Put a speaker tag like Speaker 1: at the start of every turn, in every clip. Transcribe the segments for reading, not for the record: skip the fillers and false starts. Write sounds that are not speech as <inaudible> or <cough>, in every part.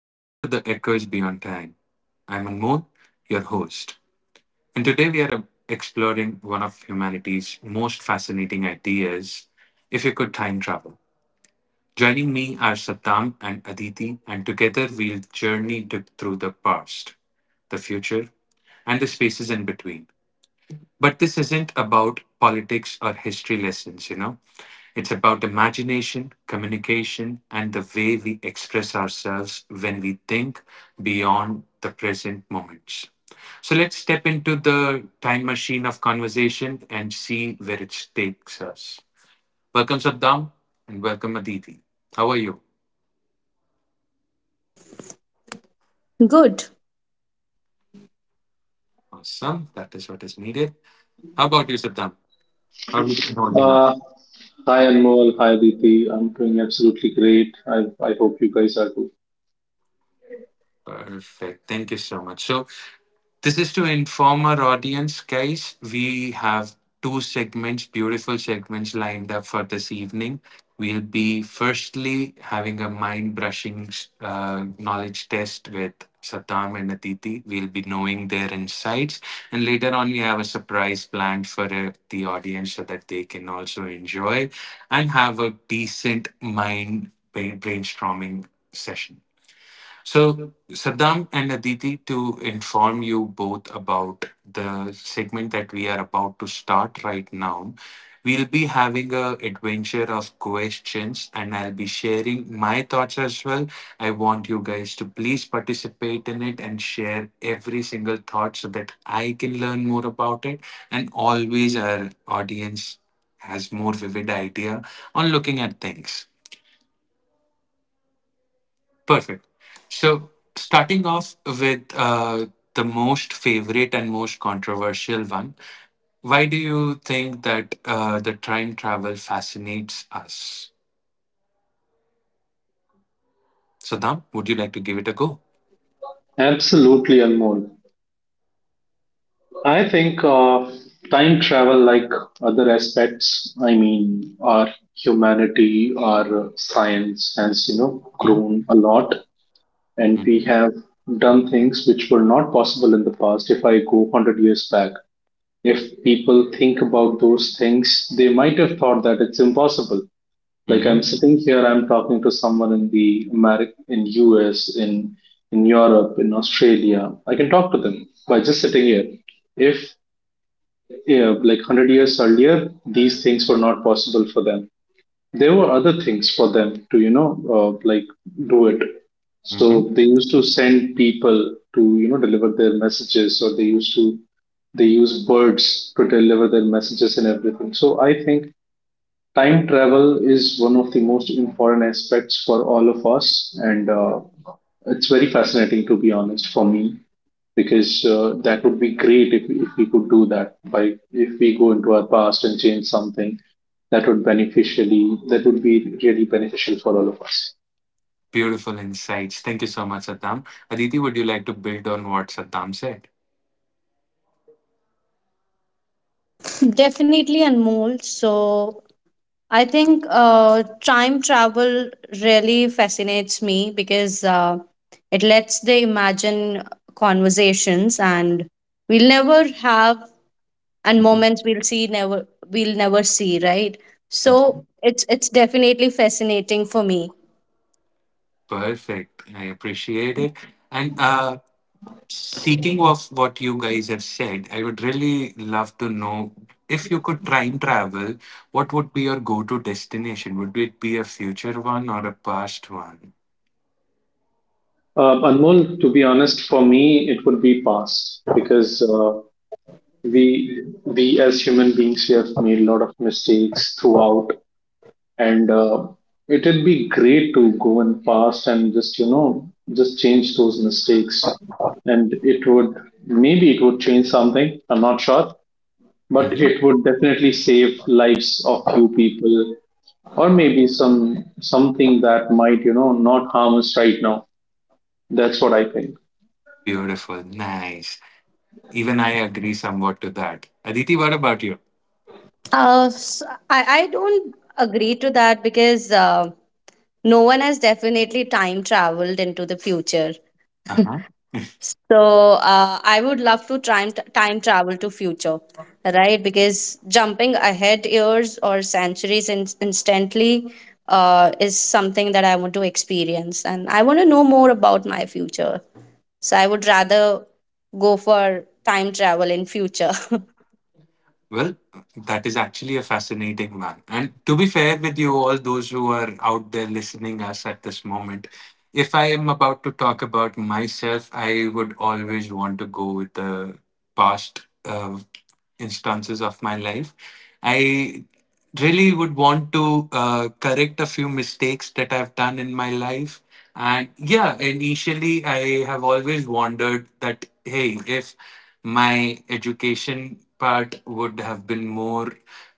Speaker 1: Welcome to the Echoes Beyond Time. I'm Anmol, your host, and today we are exploring one of humanity's most fascinating ideas if you could time travel. Joining me are Satam and Aditi, and together we'll journey through the past, the future, and the spaces in between. But this isn't about politics or history lessons. It's about imagination, communication, and the way we express ourselves when we think beyond the present moments. So let's step into the time machine of conversation and see where it takes us. Welcome, Saddam, and welcome, Aditi. How are you?
Speaker 2: Good,
Speaker 1: Awesome. That is what is needed. How about you, Saddam? How have you been holding up?
Speaker 3: Uh, Hi Anmol, hi Aditi. I'm doing absolutely great. I hope you guys are too.
Speaker 1: Perfect. Thank you so much. So, this is to inform our audience, guys. We have two segments, beautiful segments lined up for this evening. We'll be firstly having a mind brushing knowledge test with Satam and Aditi. We'll be knowing their insights. And later on, we have a surprise planned for the audience so that they can also enjoy and have a decent mind brainstorming session. So, Saddam and Aditi, to inform you both about the segment that we are about to start right now, we'll be having a adventure of questions, and I'll be sharing my thoughts as well. I want you guys to please participate in it and share every single thought so that I can learn more about it, and always our audience has more vivid idea on looking at things. Perfect. So, starting off with the most favorite and most controversial one, why do you think that the time travel fascinates us? Saddam, would you like to give it a go?
Speaker 3: Absolutely, Anmol. I think time travel, like other aspects, I mean, our humanity, our science has, you know,
Speaker 1: Hmm?
Speaker 3: grown a lot, and we
Speaker 1: Mm-hmm.
Speaker 3: have done things which were not possible in the past. If I go 100 years back, if people think about those things, they might have thought that it's impossible. Like I'm
Speaker 1: Mm-hmm.
Speaker 3: sitting here, I'm talking to someone in in US, in Europe, in Australia. I can talk to them by just sitting here. If Yeah, like 100 years earlier, these things were not possible for them. There were other things for them to, you know, like do it. So they
Speaker 1: Hmm.
Speaker 3: used to send people to, deliver their messages, or they use birds to deliver their messages and everything. So I think time travel is one of the most important aspects for all of us, and it's very fascinating, to be honest, for me because that would be great if we could do that by if we go into our past and change something that would be really beneficial for all of us.
Speaker 1: Beautiful insights. Thank you so much, Saddam. Aditi, would you like to build on what Saddam said?
Speaker 2: definitely, Anmol. So I think time travel really fascinates me because it lets the imagine conversations, and we'll never have, and
Speaker 1: Mhm.
Speaker 2: moments we'll never see, right? So it's definitely fascinating for me.
Speaker 1: Perfect. I appreciate it. And Speaking of what you guys have said, I would really love to know if you could time travel, what would be your go to destination? Would it be a future one or a past one?
Speaker 3: Anmol, to be honest, for me, it would be past because we as human beings, we have made a lot of mistakes throughout, and it'd be great to go in past and just you know just change those mistakes, and it would maybe it would change something. I'm not sure, but
Speaker 1: Hmm.
Speaker 3: it would definitely save lives of few people, or maybe something that might not harm us right now. That's what I think.
Speaker 1: Beautiful. Nice. Even I agree somewhat to that. Aditi, what about you?
Speaker 2: S I don't agree to that because no one has definitely time traveled into the future. So I would love to time travel to future, right? Because jumping ahead years or centuries instantly is something that I want to experience, and I want to know more about my future. So I would rather go for time travel in future. <laughs>
Speaker 1: Well, that is actually a fascinating one. And to be fair with you, all those who are out there listening us at this moment, if I am about to talk about myself, I would always want to go with the past instances of my life. I really would want to correct a few mistakes that I've done in my life. And yeah, initially I have always wondered that, hey, if my education part would have been more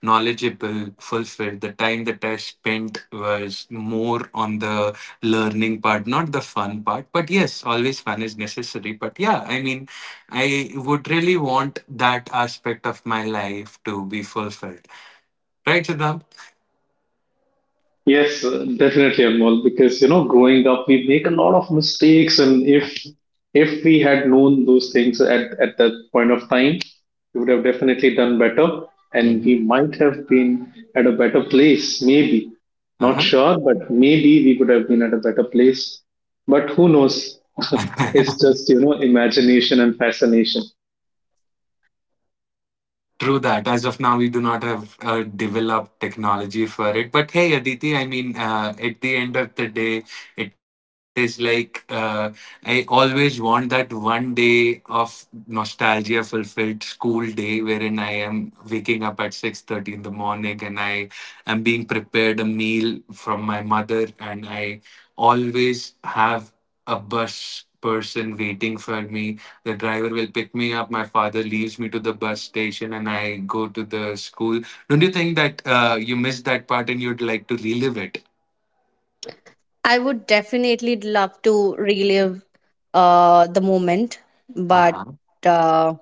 Speaker 1: knowledgeable, fulfilled. The time that I spent was more on the learning part, not the fun part. But yes, always fun is necessary. But yeah, I mean, I would really want that aspect of my life to be fulfilled. Right, Siddham?
Speaker 3: Yes, definitely, Anmol, because, you know, growing up, we make a lot of mistakes, and if we had known those things at that point of time, we would have definitely done better, and we might
Speaker 1: Hmm.
Speaker 3: have been at a better place, maybe. Not sure,
Speaker 1: Uh-huh.
Speaker 3: but maybe we would have been at a better place. But who knows? <laughs> It's just
Speaker 1: <laughs>
Speaker 3: imagination and fascination.
Speaker 1: True that. As of now, we do not have developed technology for it. But hey, Aditi, I mean, at the end of the day, it is like I always want that one day of nostalgia fulfilled school day wherein I am waking up at 6:30 in the morning and I am being prepared a meal from my mother and I always have a bus person waiting for me the driver will pick me up. My father leaves me to the bus station and I go to the school. Don't you think that you missed that part and you'd like to relive it?
Speaker 2: I would definitely love to relive the moment, but
Speaker 1: Uh-huh.
Speaker 2: uh,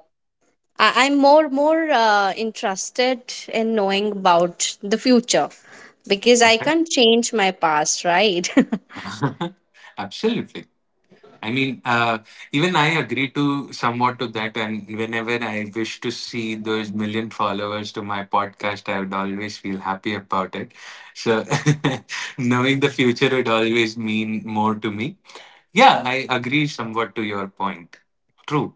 Speaker 2: I'm more interested in knowing about the future because I can't change my past, right? <laughs>
Speaker 1: Okay. <laughs> Absolutely. I mean, even I agree to somewhat to that. And whenever I wish to see those million followers to my podcast, I would always feel happy about it. So <laughs> knowing the future would always mean more to me. Yeah, I agree somewhat to your point. True.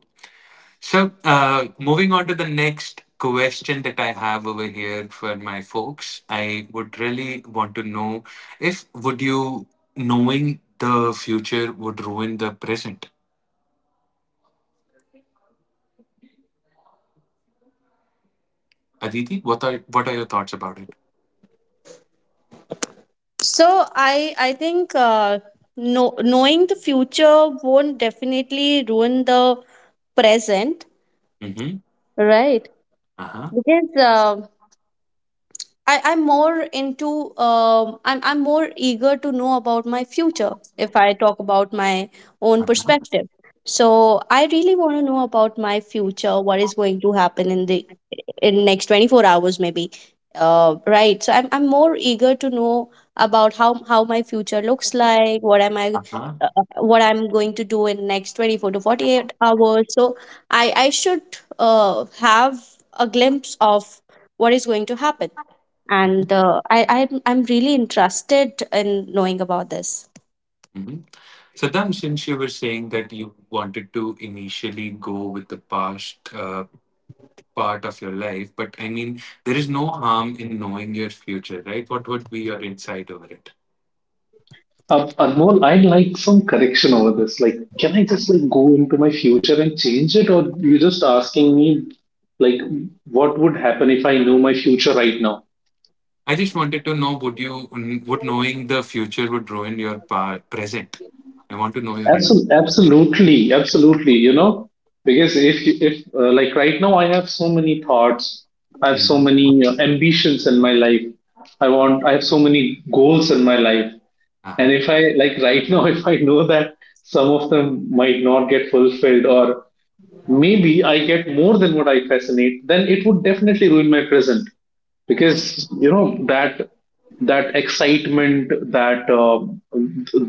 Speaker 1: So, moving on to the next question that I have over here for my folks, I would really want to know if would you knowing the future would ruin the present? Aditi, what are your thoughts about it?
Speaker 2: So I think no, knowing the future won't definitely ruin the present,
Speaker 1: Mm-hmm.
Speaker 2: right?
Speaker 1: Uh-huh.
Speaker 2: Because I'm more into I'm more eager to know about my future if I talk about my own
Speaker 1: Uh-huh.
Speaker 2: perspective. So I really want to know about my future, what is going to happen in the in next 24 hours maybe right. So I'm more eager to know about how my future looks like, what am I
Speaker 1: Uh-huh.
Speaker 2: what I'm going to do in next 24 to 48 hours. So I should have a glimpse of what is going to happen,
Speaker 1: Mm-hmm.
Speaker 2: and I'm really interested in knowing about this.
Speaker 1: Mm-hmm. Saddam, since you were saying that you wanted to initially go with the past part of your life. But I mean, there is no harm in knowing your future, right? What would be your insight over it?
Speaker 3: Anmol, I'd like some correction over this. Like, can I just like go into my future and change it, or you just asking me like what would happen if I knew my future right now?
Speaker 1: I just wanted to know would you, would knowing the future would ruin your present? I want to know your insight.
Speaker 3: Absolutely, absolutely, absolutely. You know, because if like right now I have so many thoughts, I have so
Speaker 1: Hmm.
Speaker 3: many ambitions in my life. I have so many goals in my life, and if I like right now, <laughs> if I know that some of them might not get fulfilled, or maybe I get more than what I fascinate, then it would definitely ruin my present because
Speaker 1: Uh-huh.
Speaker 3: you know that that excitement, that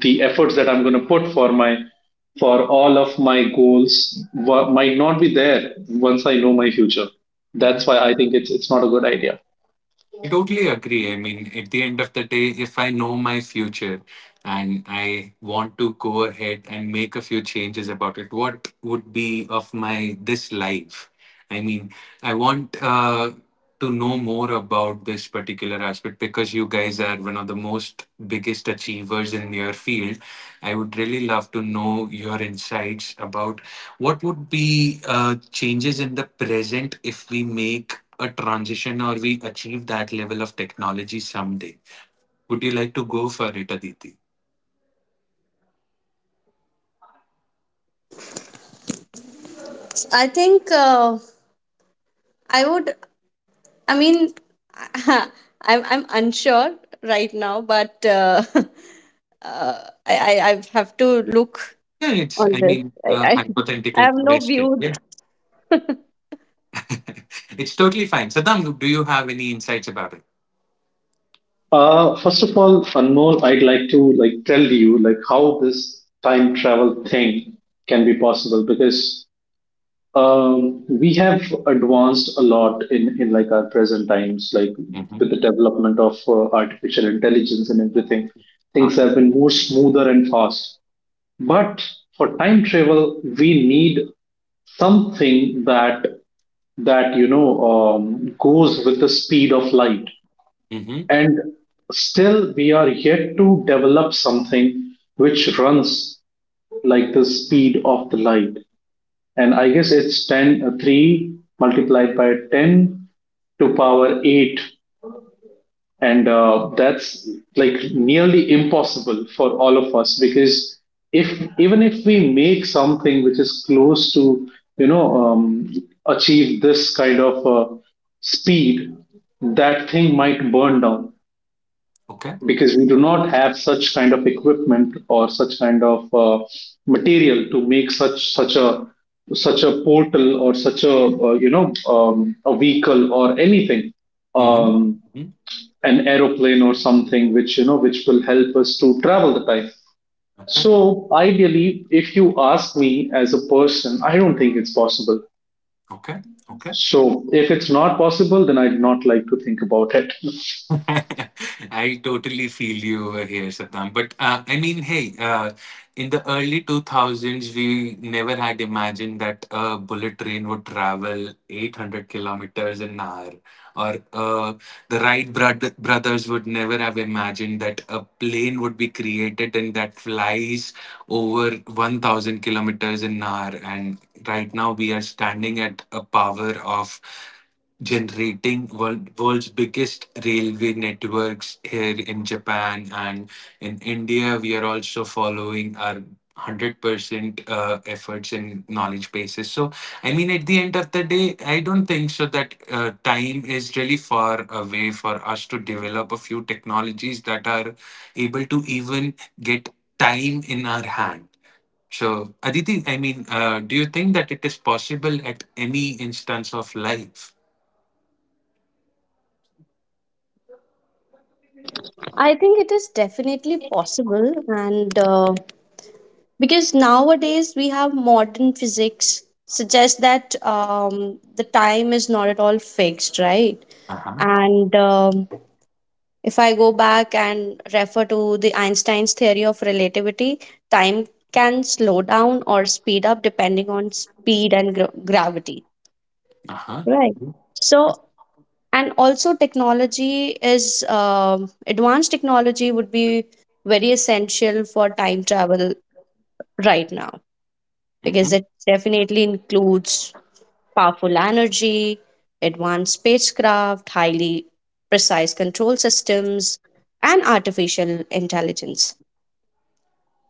Speaker 3: the efforts that I'm going to put for all of my goals might not be there once I know my future. That's why
Speaker 1: Ừm.
Speaker 3: I think it's not a good idea.
Speaker 1: I totally agree. I mean, at the end of the day, if I know my future and I want to go ahead and make a few changes about it, what would be of my this life? I mean, I want to know more about this particular aspect because you guys are one of the most biggest achievers in your field. I would really love to know your insights about what would be changes in the present if we make a transition or we achieve that level of technology someday. Would you like to go for it, Aditi?
Speaker 2: I think I would, I mean, <laughs> i'm I'm unsure right now, but <laughs> I have to look
Speaker 1: Yeah, it's,
Speaker 2: on
Speaker 1: I
Speaker 2: this.
Speaker 1: mean,
Speaker 2: I,
Speaker 1: a
Speaker 2: I, <laughs> I
Speaker 1: hypothetical
Speaker 2: have no
Speaker 1: question.
Speaker 2: views.
Speaker 1: Yeah. <laughs> It's totally fine. Saddam, do you have any insights about it?
Speaker 3: First of all, Anmol, I'd like to like tell you like how this time travel thing can be possible because we have advanced a lot in like our present times, like
Speaker 1: Mm-hmm.
Speaker 3: with the development of artificial intelligence and everything. Things
Speaker 1: Uh-huh.
Speaker 3: have been more smoother and fast. But for time travel, we need something that goes with the speed of light.
Speaker 1: Mm-hmm.
Speaker 3: And still, we are yet to develop something which runs like the speed of the light, and I guess it's 10 3 multiplied by 10 to power 8. And that's like nearly impossible for all of us because if even if we make something which is close to, you know, achieve this kind of speed, that thing might burn down
Speaker 1: Okay.
Speaker 3: because we do not have such kind of equipment or such kind of material to make such a portal or such a a vehicle or anything,
Speaker 1: Mm-hmm.
Speaker 3: um,
Speaker 1: Mm-hmm.
Speaker 3: an aeroplane or something which, which will help us to travel the time.
Speaker 1: Okay.
Speaker 3: So ideally, if you ask me as a person, I don't think it's possible.
Speaker 1: Okay. Okay.
Speaker 3: So if it's not possible, then I'd not like to think about it.
Speaker 1: <laughs> I totally feel you over here, Saddam. But I mean, hey, in the early 2000s, we never had imagined that a bullet train would travel 800 kilometers an hour, or the brothers would never have imagined that a plane would be created and that flies over 1,000 kilometers an hour. And right now, we are standing at a power of generating world's biggest railway networks here in Japan and in India. We are also following our 100% efforts in knowledge bases. So, I mean, at the end of the day, I don't think so that time is really far away for us to develop a few technologies that are able to even get time in our hand. So, Aditi, I mean, do you think that it is possible at any instance of life?
Speaker 2: <laughs> I think it is definitely possible, and because nowadays we have modern physics suggests that the time is not at all fixed, right? And if I go back and refer to the Einstein's theory of relativity, time can slow down or speed up depending on speed and gravity.
Speaker 1: Uh-huh.
Speaker 2: Right. So and also technology is, advanced technology would be very essential for time travel right now, because
Speaker 1: Hmm.
Speaker 2: it definitely includes powerful energy, advanced spacecraft, highly precise control systems, and artificial intelligence.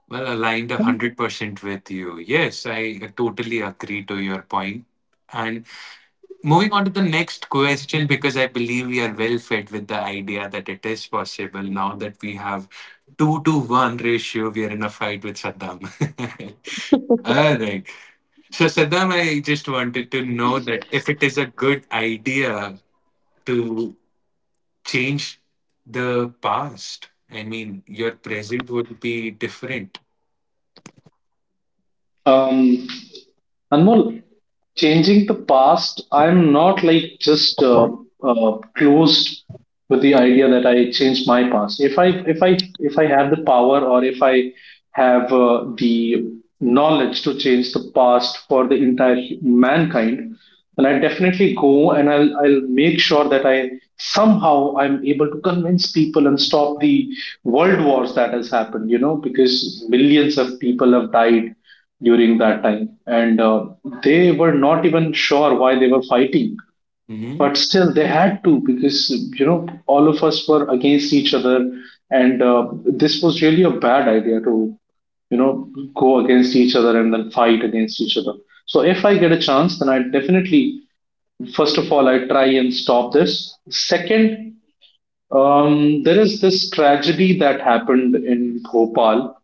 Speaker 1: Well, aligned 100% with you. Yes, I totally agree to your point. And moving on to the next question, because I believe we are well fit with the idea that it is possible now that we have two to one ratio, we are in a fight with Saddam. <laughs>
Speaker 2: <laughs>
Speaker 1: All right. So, Saddam, I
Speaker 3: So,
Speaker 1: just wanted to know that if it is a good idea to change the past, I mean, your present would be different.
Speaker 3: um, Anmol, changing the past, I'm not like just closed with the idea that I change my past. If I have the power, or if I have the knowledge to change the past for the entire mankind, then I definitely go, and I'll make sure that I somehow I'm able to convince people and stop the world wars that has happened, you know, because millions of people have died during that time, and they were not even sure why they were fighting, but
Speaker 1: Mm-hmm.
Speaker 3: still they had to because, you know, all of us were against each other, and this was really a bad idea to you know go against each other and then fight against each other. So if I get a chance, then I definitely, first of all, I try and stop this. Second, there is this tragedy that happened in Bhopal.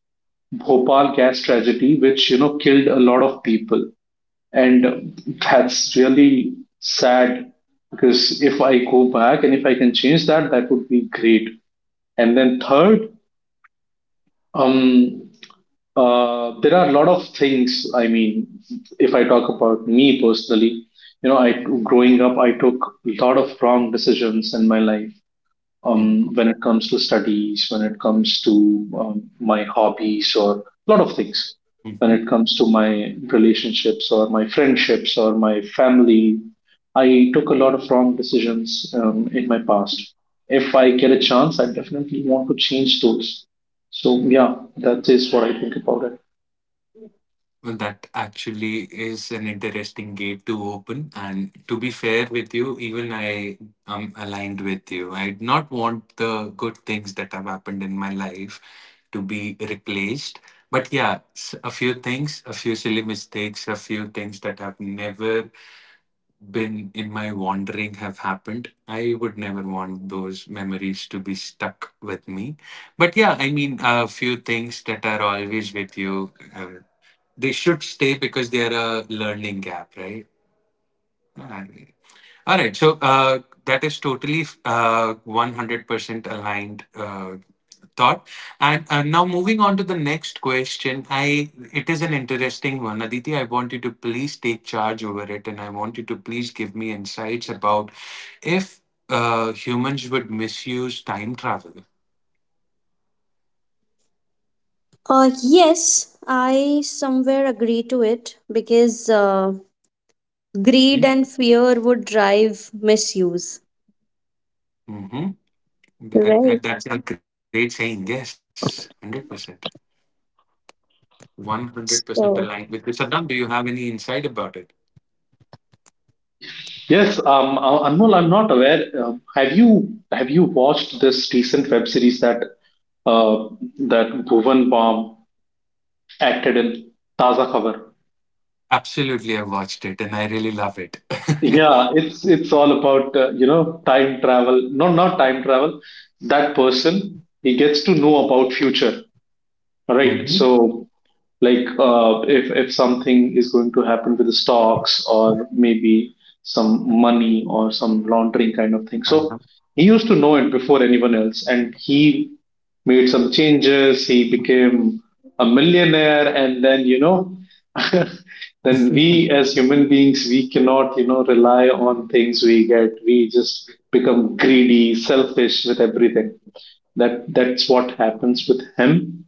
Speaker 3: Bhopal gas tragedy, which, you know, killed a lot of people, and that's really sad, because if I go back and if I can change that, that would be great. And then third, um, there are a lot of things. I mean, if I talk about me personally, you know, I growing up, I took a lot of wrong decisions in my life,
Speaker 1: Mm-hmm.
Speaker 3: when it comes to studies, when it comes to my hobbies, or a lot of things, when
Speaker 1: Mm-hmm.
Speaker 3: it comes to my relationships, or my friendships, or my family. I took a lot of wrong decisions in my past. If I get a chance, I definitely want to change those. So, yeah, that is what I think about it.
Speaker 1: Well, that actually is an interesting gate to open. And to be fair with you, even I am aligned with you. I do not want the good things that have happened in my life to be replaced. But yeah, a few things, a few silly mistakes, a few things that have never been in my wandering have happened. I would never want those memories to be stuck with me. But yeah, I mean, a few things that are always with you, they should stay because they are a learning gap, right? Ah, yeah. All right. So that is totally 100% aligned thought. And Now moving on to the next question, I it is an interesting one, Aditi. I want you to please take charge over it, and I want you to please give me insights about if humans would misuse time travel.
Speaker 2: yes, I somewhere agree to it because
Speaker 1: Hmm?
Speaker 2: greed and fear would drive misuse.
Speaker 1: Hmm. That, that's
Speaker 2: Right.
Speaker 1: a great saying. Yes, 100%. 100% aligned with you.
Speaker 2: So
Speaker 1: Saddam, do you have any insight about it?
Speaker 3: Yes, Anmol, I'm not aware. Have you watched this recent web series that uh, that Bhuvan Bam acted in, Taza Khabar?
Speaker 1: Absolutely, I watched it and I really love it. <laughs>
Speaker 3: Yeah, it's all about time travel. No, not time travel. That person, he gets to know about future, right?
Speaker 1: Mhm.
Speaker 3: So, like if something is going to happen with the stocks or maybe some money or some laundering kind of thing, so
Speaker 1: Uh-huh.
Speaker 3: he used to know it before anyone else, and he made some changes, he became a millionaire, and then, you know, <laughs> then we as human beings, we cannot, rely on things we get. We just become greedy, selfish with everything. That's what happens with him,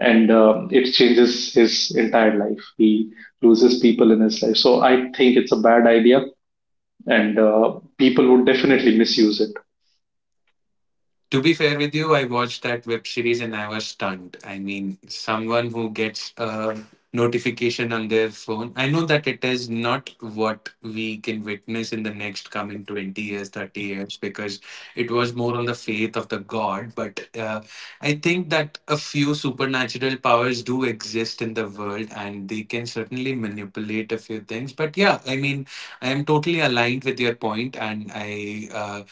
Speaker 3: and it changes his entire life. He loses people in his life. So I think it's a bad idea, and people would definitely misuse it.
Speaker 1: To be fair with you, I watched that web series and I was stunned. I mean, someone who gets a notification on their phone. I know that it is not what we can witness in the next coming 20 years, 30 years, because it was more on the faith of the God. But I think that a few supernatural powers do exist in the world and they can certainly manipulate a few things. But yeah, I mean, I am totally aligned with your point, and I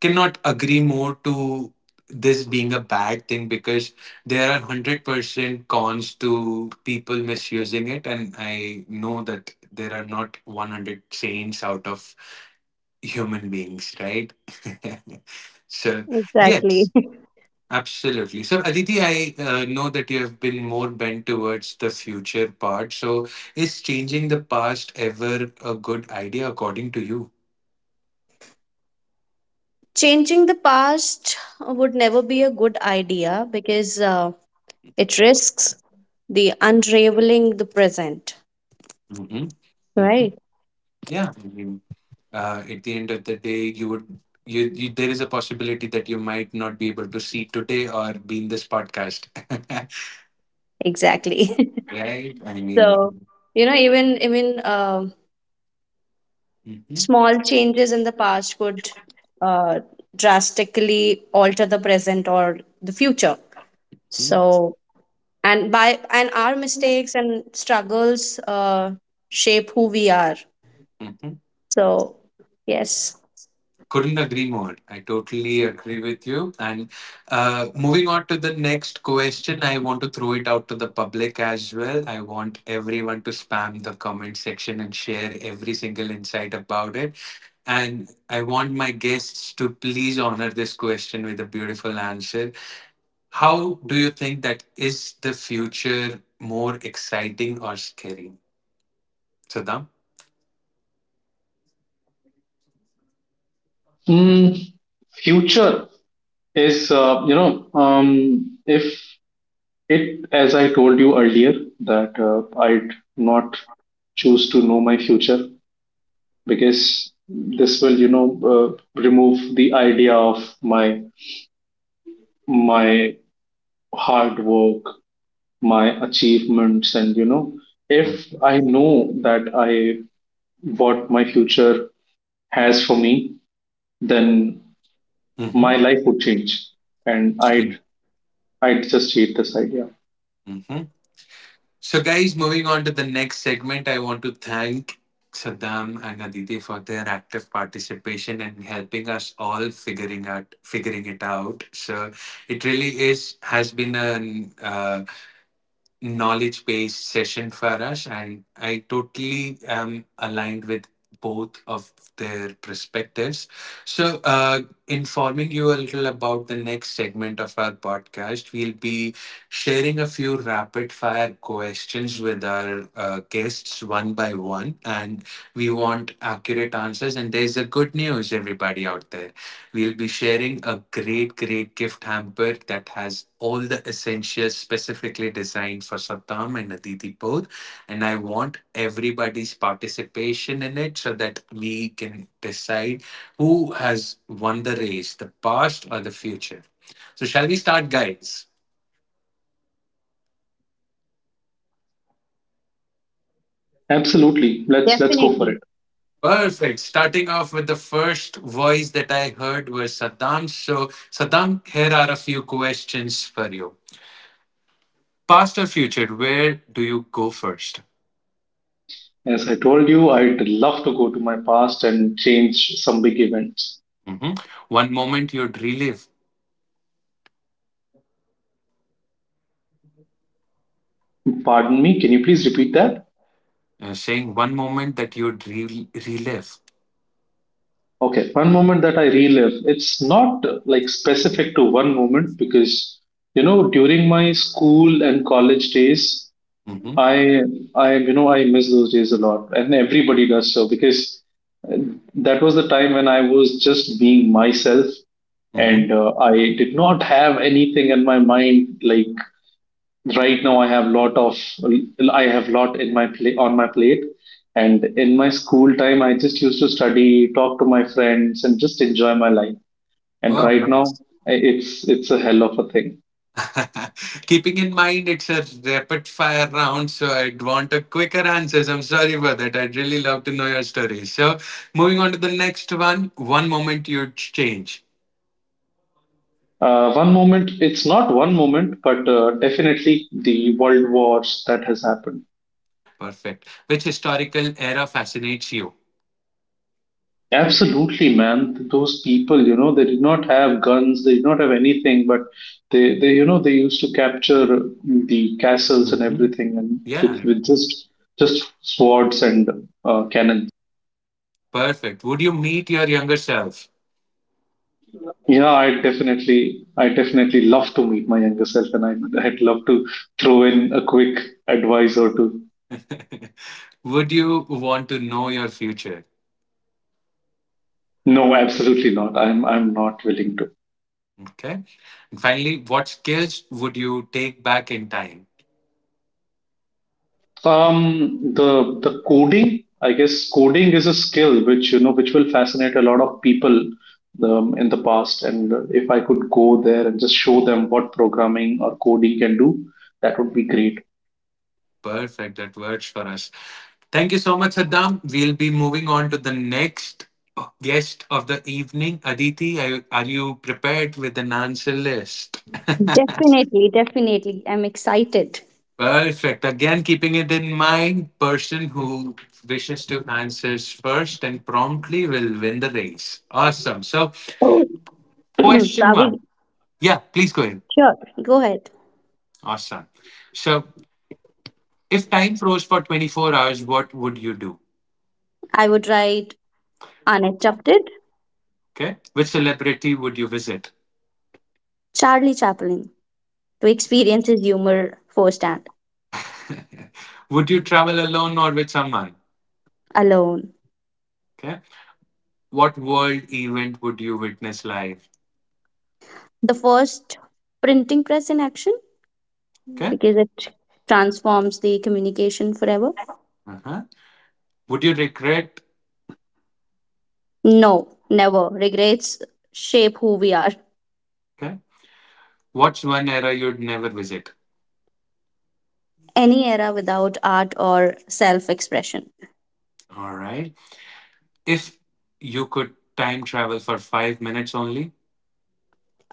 Speaker 1: cannot agree more to this being a bad thing because there are 100% cons to people misusing it and I know that there are not 100 saints out of human beings, right? <laughs> So yes,
Speaker 2: exactly. <laughs>
Speaker 1: absolutely. So Aditi, I know that you have been more bent towards the future part, so is changing the past ever a good idea according to you?
Speaker 2: Changing the past would never be a good idea because it risks the unraveling the present.
Speaker 1: Hmm. Hmm.
Speaker 2: Right.
Speaker 1: Yeah, at the end of the day you would, you there is a possibility that you might not be able to see today or be in this podcast.
Speaker 2: Exactly.
Speaker 1: <laughs> Right, I
Speaker 2: <laughs>
Speaker 1: mean.
Speaker 2: So you know, even
Speaker 1: Mhm.
Speaker 2: small changes in the past could uh, drastically alter the present or the future.
Speaker 1: Mhm.
Speaker 2: So and by and our mistakes and struggles shape who we are.
Speaker 1: Mhm.
Speaker 2: So yes.
Speaker 1: Couldn't agree more. I totally agree with you. And moving on to the next question, I want to throw it out to the public as well. I want everyone to spam the comment section and share every single insight about it, and I want my guests to please honor this question with a beautiful answer. How do you think that is the future more exciting or scary? Saddam?
Speaker 3: Mm, Future is, if it, as I told you earlier, that I'd not choose to know my future because this will, you know, remove the idea of my hard work, my achievements, and you know, if
Speaker 1: Mm-hmm.
Speaker 3: I know that I what my future has for me, then
Speaker 1: Mm-hmm.
Speaker 3: my life would change, and I'd just hate this idea.
Speaker 1: So, guys, moving on to the next segment, I want to thank Saddam and Aditi for their active participation and helping us all figuring it out. So, it really is has been a knowledge based session for us, and I totally am aligned with both of their perspectives. So, informing you a little about the next segment of our podcast, we'll be sharing a few rapid fire questions with our guests one by one, and we want accurate answers. And there's a good news, everybody out there. We'll be sharing a great gift hamper that has all the essentials specifically designed for Satam and Aditi both. And I want everybody's participation in it so that we can decide who has won the race, the past or the future. So, shall we start, guys?
Speaker 3: Absolutely, let's go for
Speaker 2: Definitely.
Speaker 3: it.
Speaker 1: Perfect. Starting off with the first voice that I heard was Saddam. So, Saddam, here are a few questions for you. Past or future, where do you go first?
Speaker 3: As I told you, I'd love to go to my past and change some big events.
Speaker 1: Mhm. One moment you'd relive,
Speaker 3: Pardon me, can you please repeat that?
Speaker 1: saying one moment that you'd relive.
Speaker 3: Okay, one moment that I relive. It's not like specific to one moment, because, you know, during my school and college days,
Speaker 1: Hmm.
Speaker 3: I I you know I miss those days a lot, and everybody does so, because uh, that was the time when I was just being myself,
Speaker 1: Hmm.
Speaker 3: and I did not have anything in my mind. Like right now, I have lot in my plate on my plate, and in my school time, I just used to study, talk to my friends, and just enjoy my life. And
Speaker 1: Wow,
Speaker 3: right now,
Speaker 1: nice.
Speaker 3: it's a hell of a thing.
Speaker 1: <laughs> Keeping in mind it's a rapid fire round, so I'd want a quicker answers. I'm sorry for that. I'd really love to know your story. So, moving on to the next one. One moment you'd change.
Speaker 3: One moment, it's not one moment, but definitely the world wars that has happened.
Speaker 1: Perfect. Which historical era fascinates you?
Speaker 3: Absolutely, man. Those people, you know, they did not have guns, they did not have anything, but they used to capture the castles and
Speaker 1: Mhm.
Speaker 3: everything, and with
Speaker 1: Yeah,
Speaker 3: with just swords and cannon.
Speaker 1: perfect. Would you meet your younger self?
Speaker 3: Yeah, I definitely love to meet my younger self, and I'd love to throw in a quick advice or two.
Speaker 1: <laughs> Would you want to know your future?
Speaker 3: No, absolutely not. I'm not willing to.
Speaker 1: Okay. And finally, what skills would you take back in time?
Speaker 3: The coding, I guess coding is a skill which, you know, which will fascinate a lot of people in the past. And if I could go there and just show them what programming or coding can do, that would be great.
Speaker 1: Perfect. That works for us. Thank you so much, Saddam. We'll be moving on to the next guest of the evening. Aditi, are you prepared with an answer list?
Speaker 2: Definitely, definitely. I'm excited. <clears throat>
Speaker 1: Perfect. Again, keeping it in mind, person who wishes to answers first and promptly will win the race. Awesome. So,
Speaker 2: Oh. So
Speaker 1: question
Speaker 2: are
Speaker 1: one.
Speaker 2: we
Speaker 1: Yeah, please go ahead.
Speaker 2: sure? Go ahead.
Speaker 1: Awesome. So, if time froze for 24 hours, what would you do?
Speaker 2: I would write uninterrupted.
Speaker 1: Okay. Which celebrity would you visit?
Speaker 2: Charlie Chaplin, to experience his humor firsthand.
Speaker 1: <laughs> Would you travel alone or with someone?
Speaker 2: Alone.
Speaker 1: Okay. What world event would you witness live?
Speaker 2: The first printing press in action,
Speaker 1: Okay.
Speaker 2: because it transforms the communication forever.
Speaker 1: Uh-huh. Would you regret?
Speaker 2: No, never. Regrets shape who we are.
Speaker 1: Okay. What's one era you'd never visit?
Speaker 2: Any era without art or self expression.
Speaker 1: All right. If you could time travel for 5 minutes only.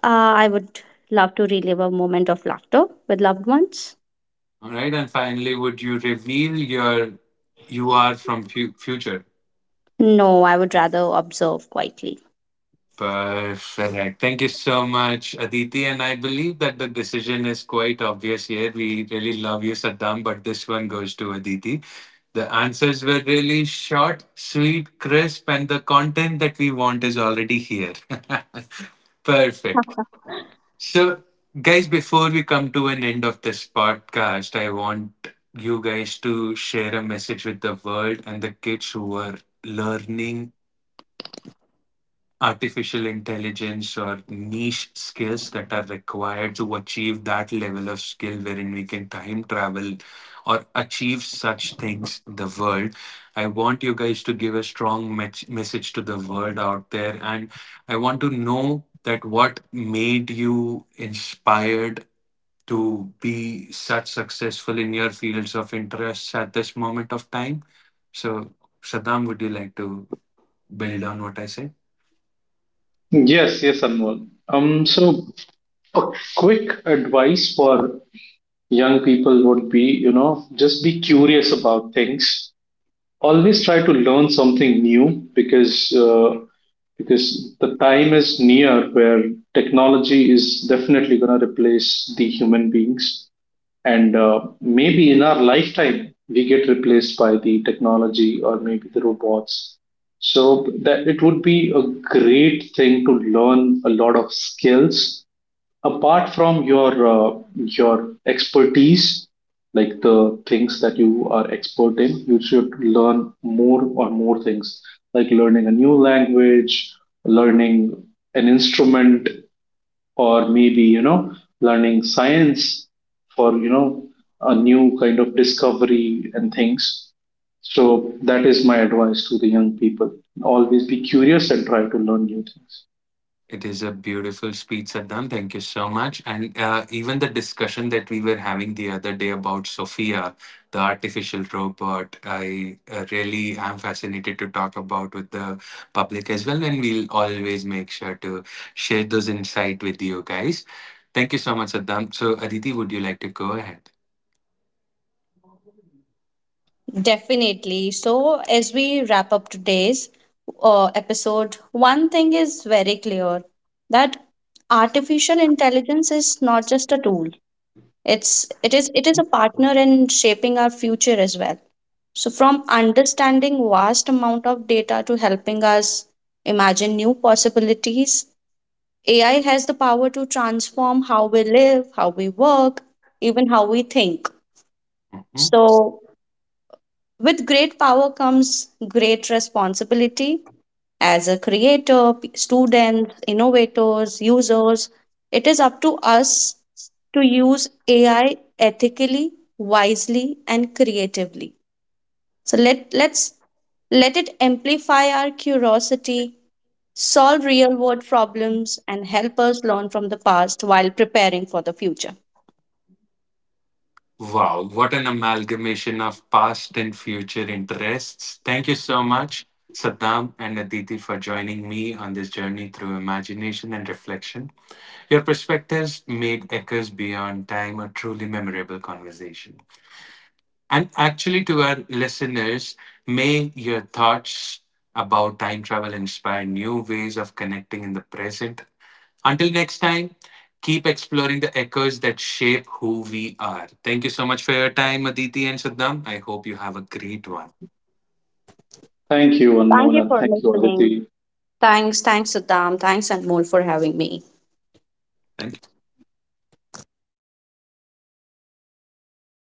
Speaker 2: I would love to relive a moment of laughter with loved ones.
Speaker 1: All right. And finally, would you reveal your you are from future?
Speaker 2: No, I would rather observe quietly.
Speaker 1: Perfect. Thank you so much, Aditi. And I believe that the decision is quite obvious here. We really love you, Saddam, but this one goes to Aditi. The answers were really short, sweet, crisp, and the content that we want is already here. <laughs> Perfect. So, guys, before we come to an end of this podcast, I want you guys to share a message with the world and the kids who are learning artificial intelligence or niche skills that are required to achieve that level of skill wherein we can time travel or achieve such things in the world. I want you guys to give a strong message to the world out there, and I want to know that what made you inspired to be such successful in your fields of interests at this moment of time. So, Saddam, would you like to build on what I said?
Speaker 3: Yes, yes, Anmol. So, a quick advice for young people would be, you know, just be curious about things. Always try to learn something new because the time is near where technology is definitely going to replace the human beings, and maybe in our lifetime, we get replaced by the technology or maybe the robots. So that it would be a great thing to learn a lot of skills apart from your expertise. Like the things that you are expert in, you should learn more or more things, like learning a new language, learning an instrument, or maybe, you know, learning science for, you know, a new kind of discovery and things. So that is my advice to the young people: always be curious and try to learn new things.
Speaker 1: It is a beautiful speech, Saddam. Thank you so much. And even the discussion that we were having the other day about Sophia, the artificial robot, I really am fascinated to talk about with the public as well. And we'll always make sure to share those insight with you guys. Thank you so much, Saddam. So, Aditi, would you like to go ahead?
Speaker 2: Definitely. So, as we wrap up today's episode, one thing is very clear, that artificial intelligence is not just a tool. It is a partner in shaping our future as well. So, from understanding vast amount of data to helping us imagine new possibilities, AI has the power to transform how we live, how we work, even how we think.
Speaker 1: Mhm.
Speaker 2: So, with great power comes great responsibility. As a creator, students, innovators, users, it is up to us to use AI ethically, wisely, and creatively. So let's let it amplify our curiosity, solve real-world problems, and help us learn from the past while preparing for the future.
Speaker 1: Wow, what an amalgamation of past and future interests. Thank you so much, Saddam and Aditi, for joining me on this journey through imagination and reflection. Your perspectives made Echoes Beyond Time a truly memorable conversation. And actually, to our listeners, may your thoughts about time travel inspire new ways of connecting in the present. Until next time, keep exploring the echoes that shape who we are. Thank you so much for your time, Aditi and Saddam. I hope you have a great one.
Speaker 3: Thank you, Anmol,
Speaker 2: Thank you
Speaker 3: and
Speaker 2: for
Speaker 3: thank you, Aditi.
Speaker 2: listening. Thanks, thanks, Saddam. Thanks, Anmol, for having me.
Speaker 1: Thank you.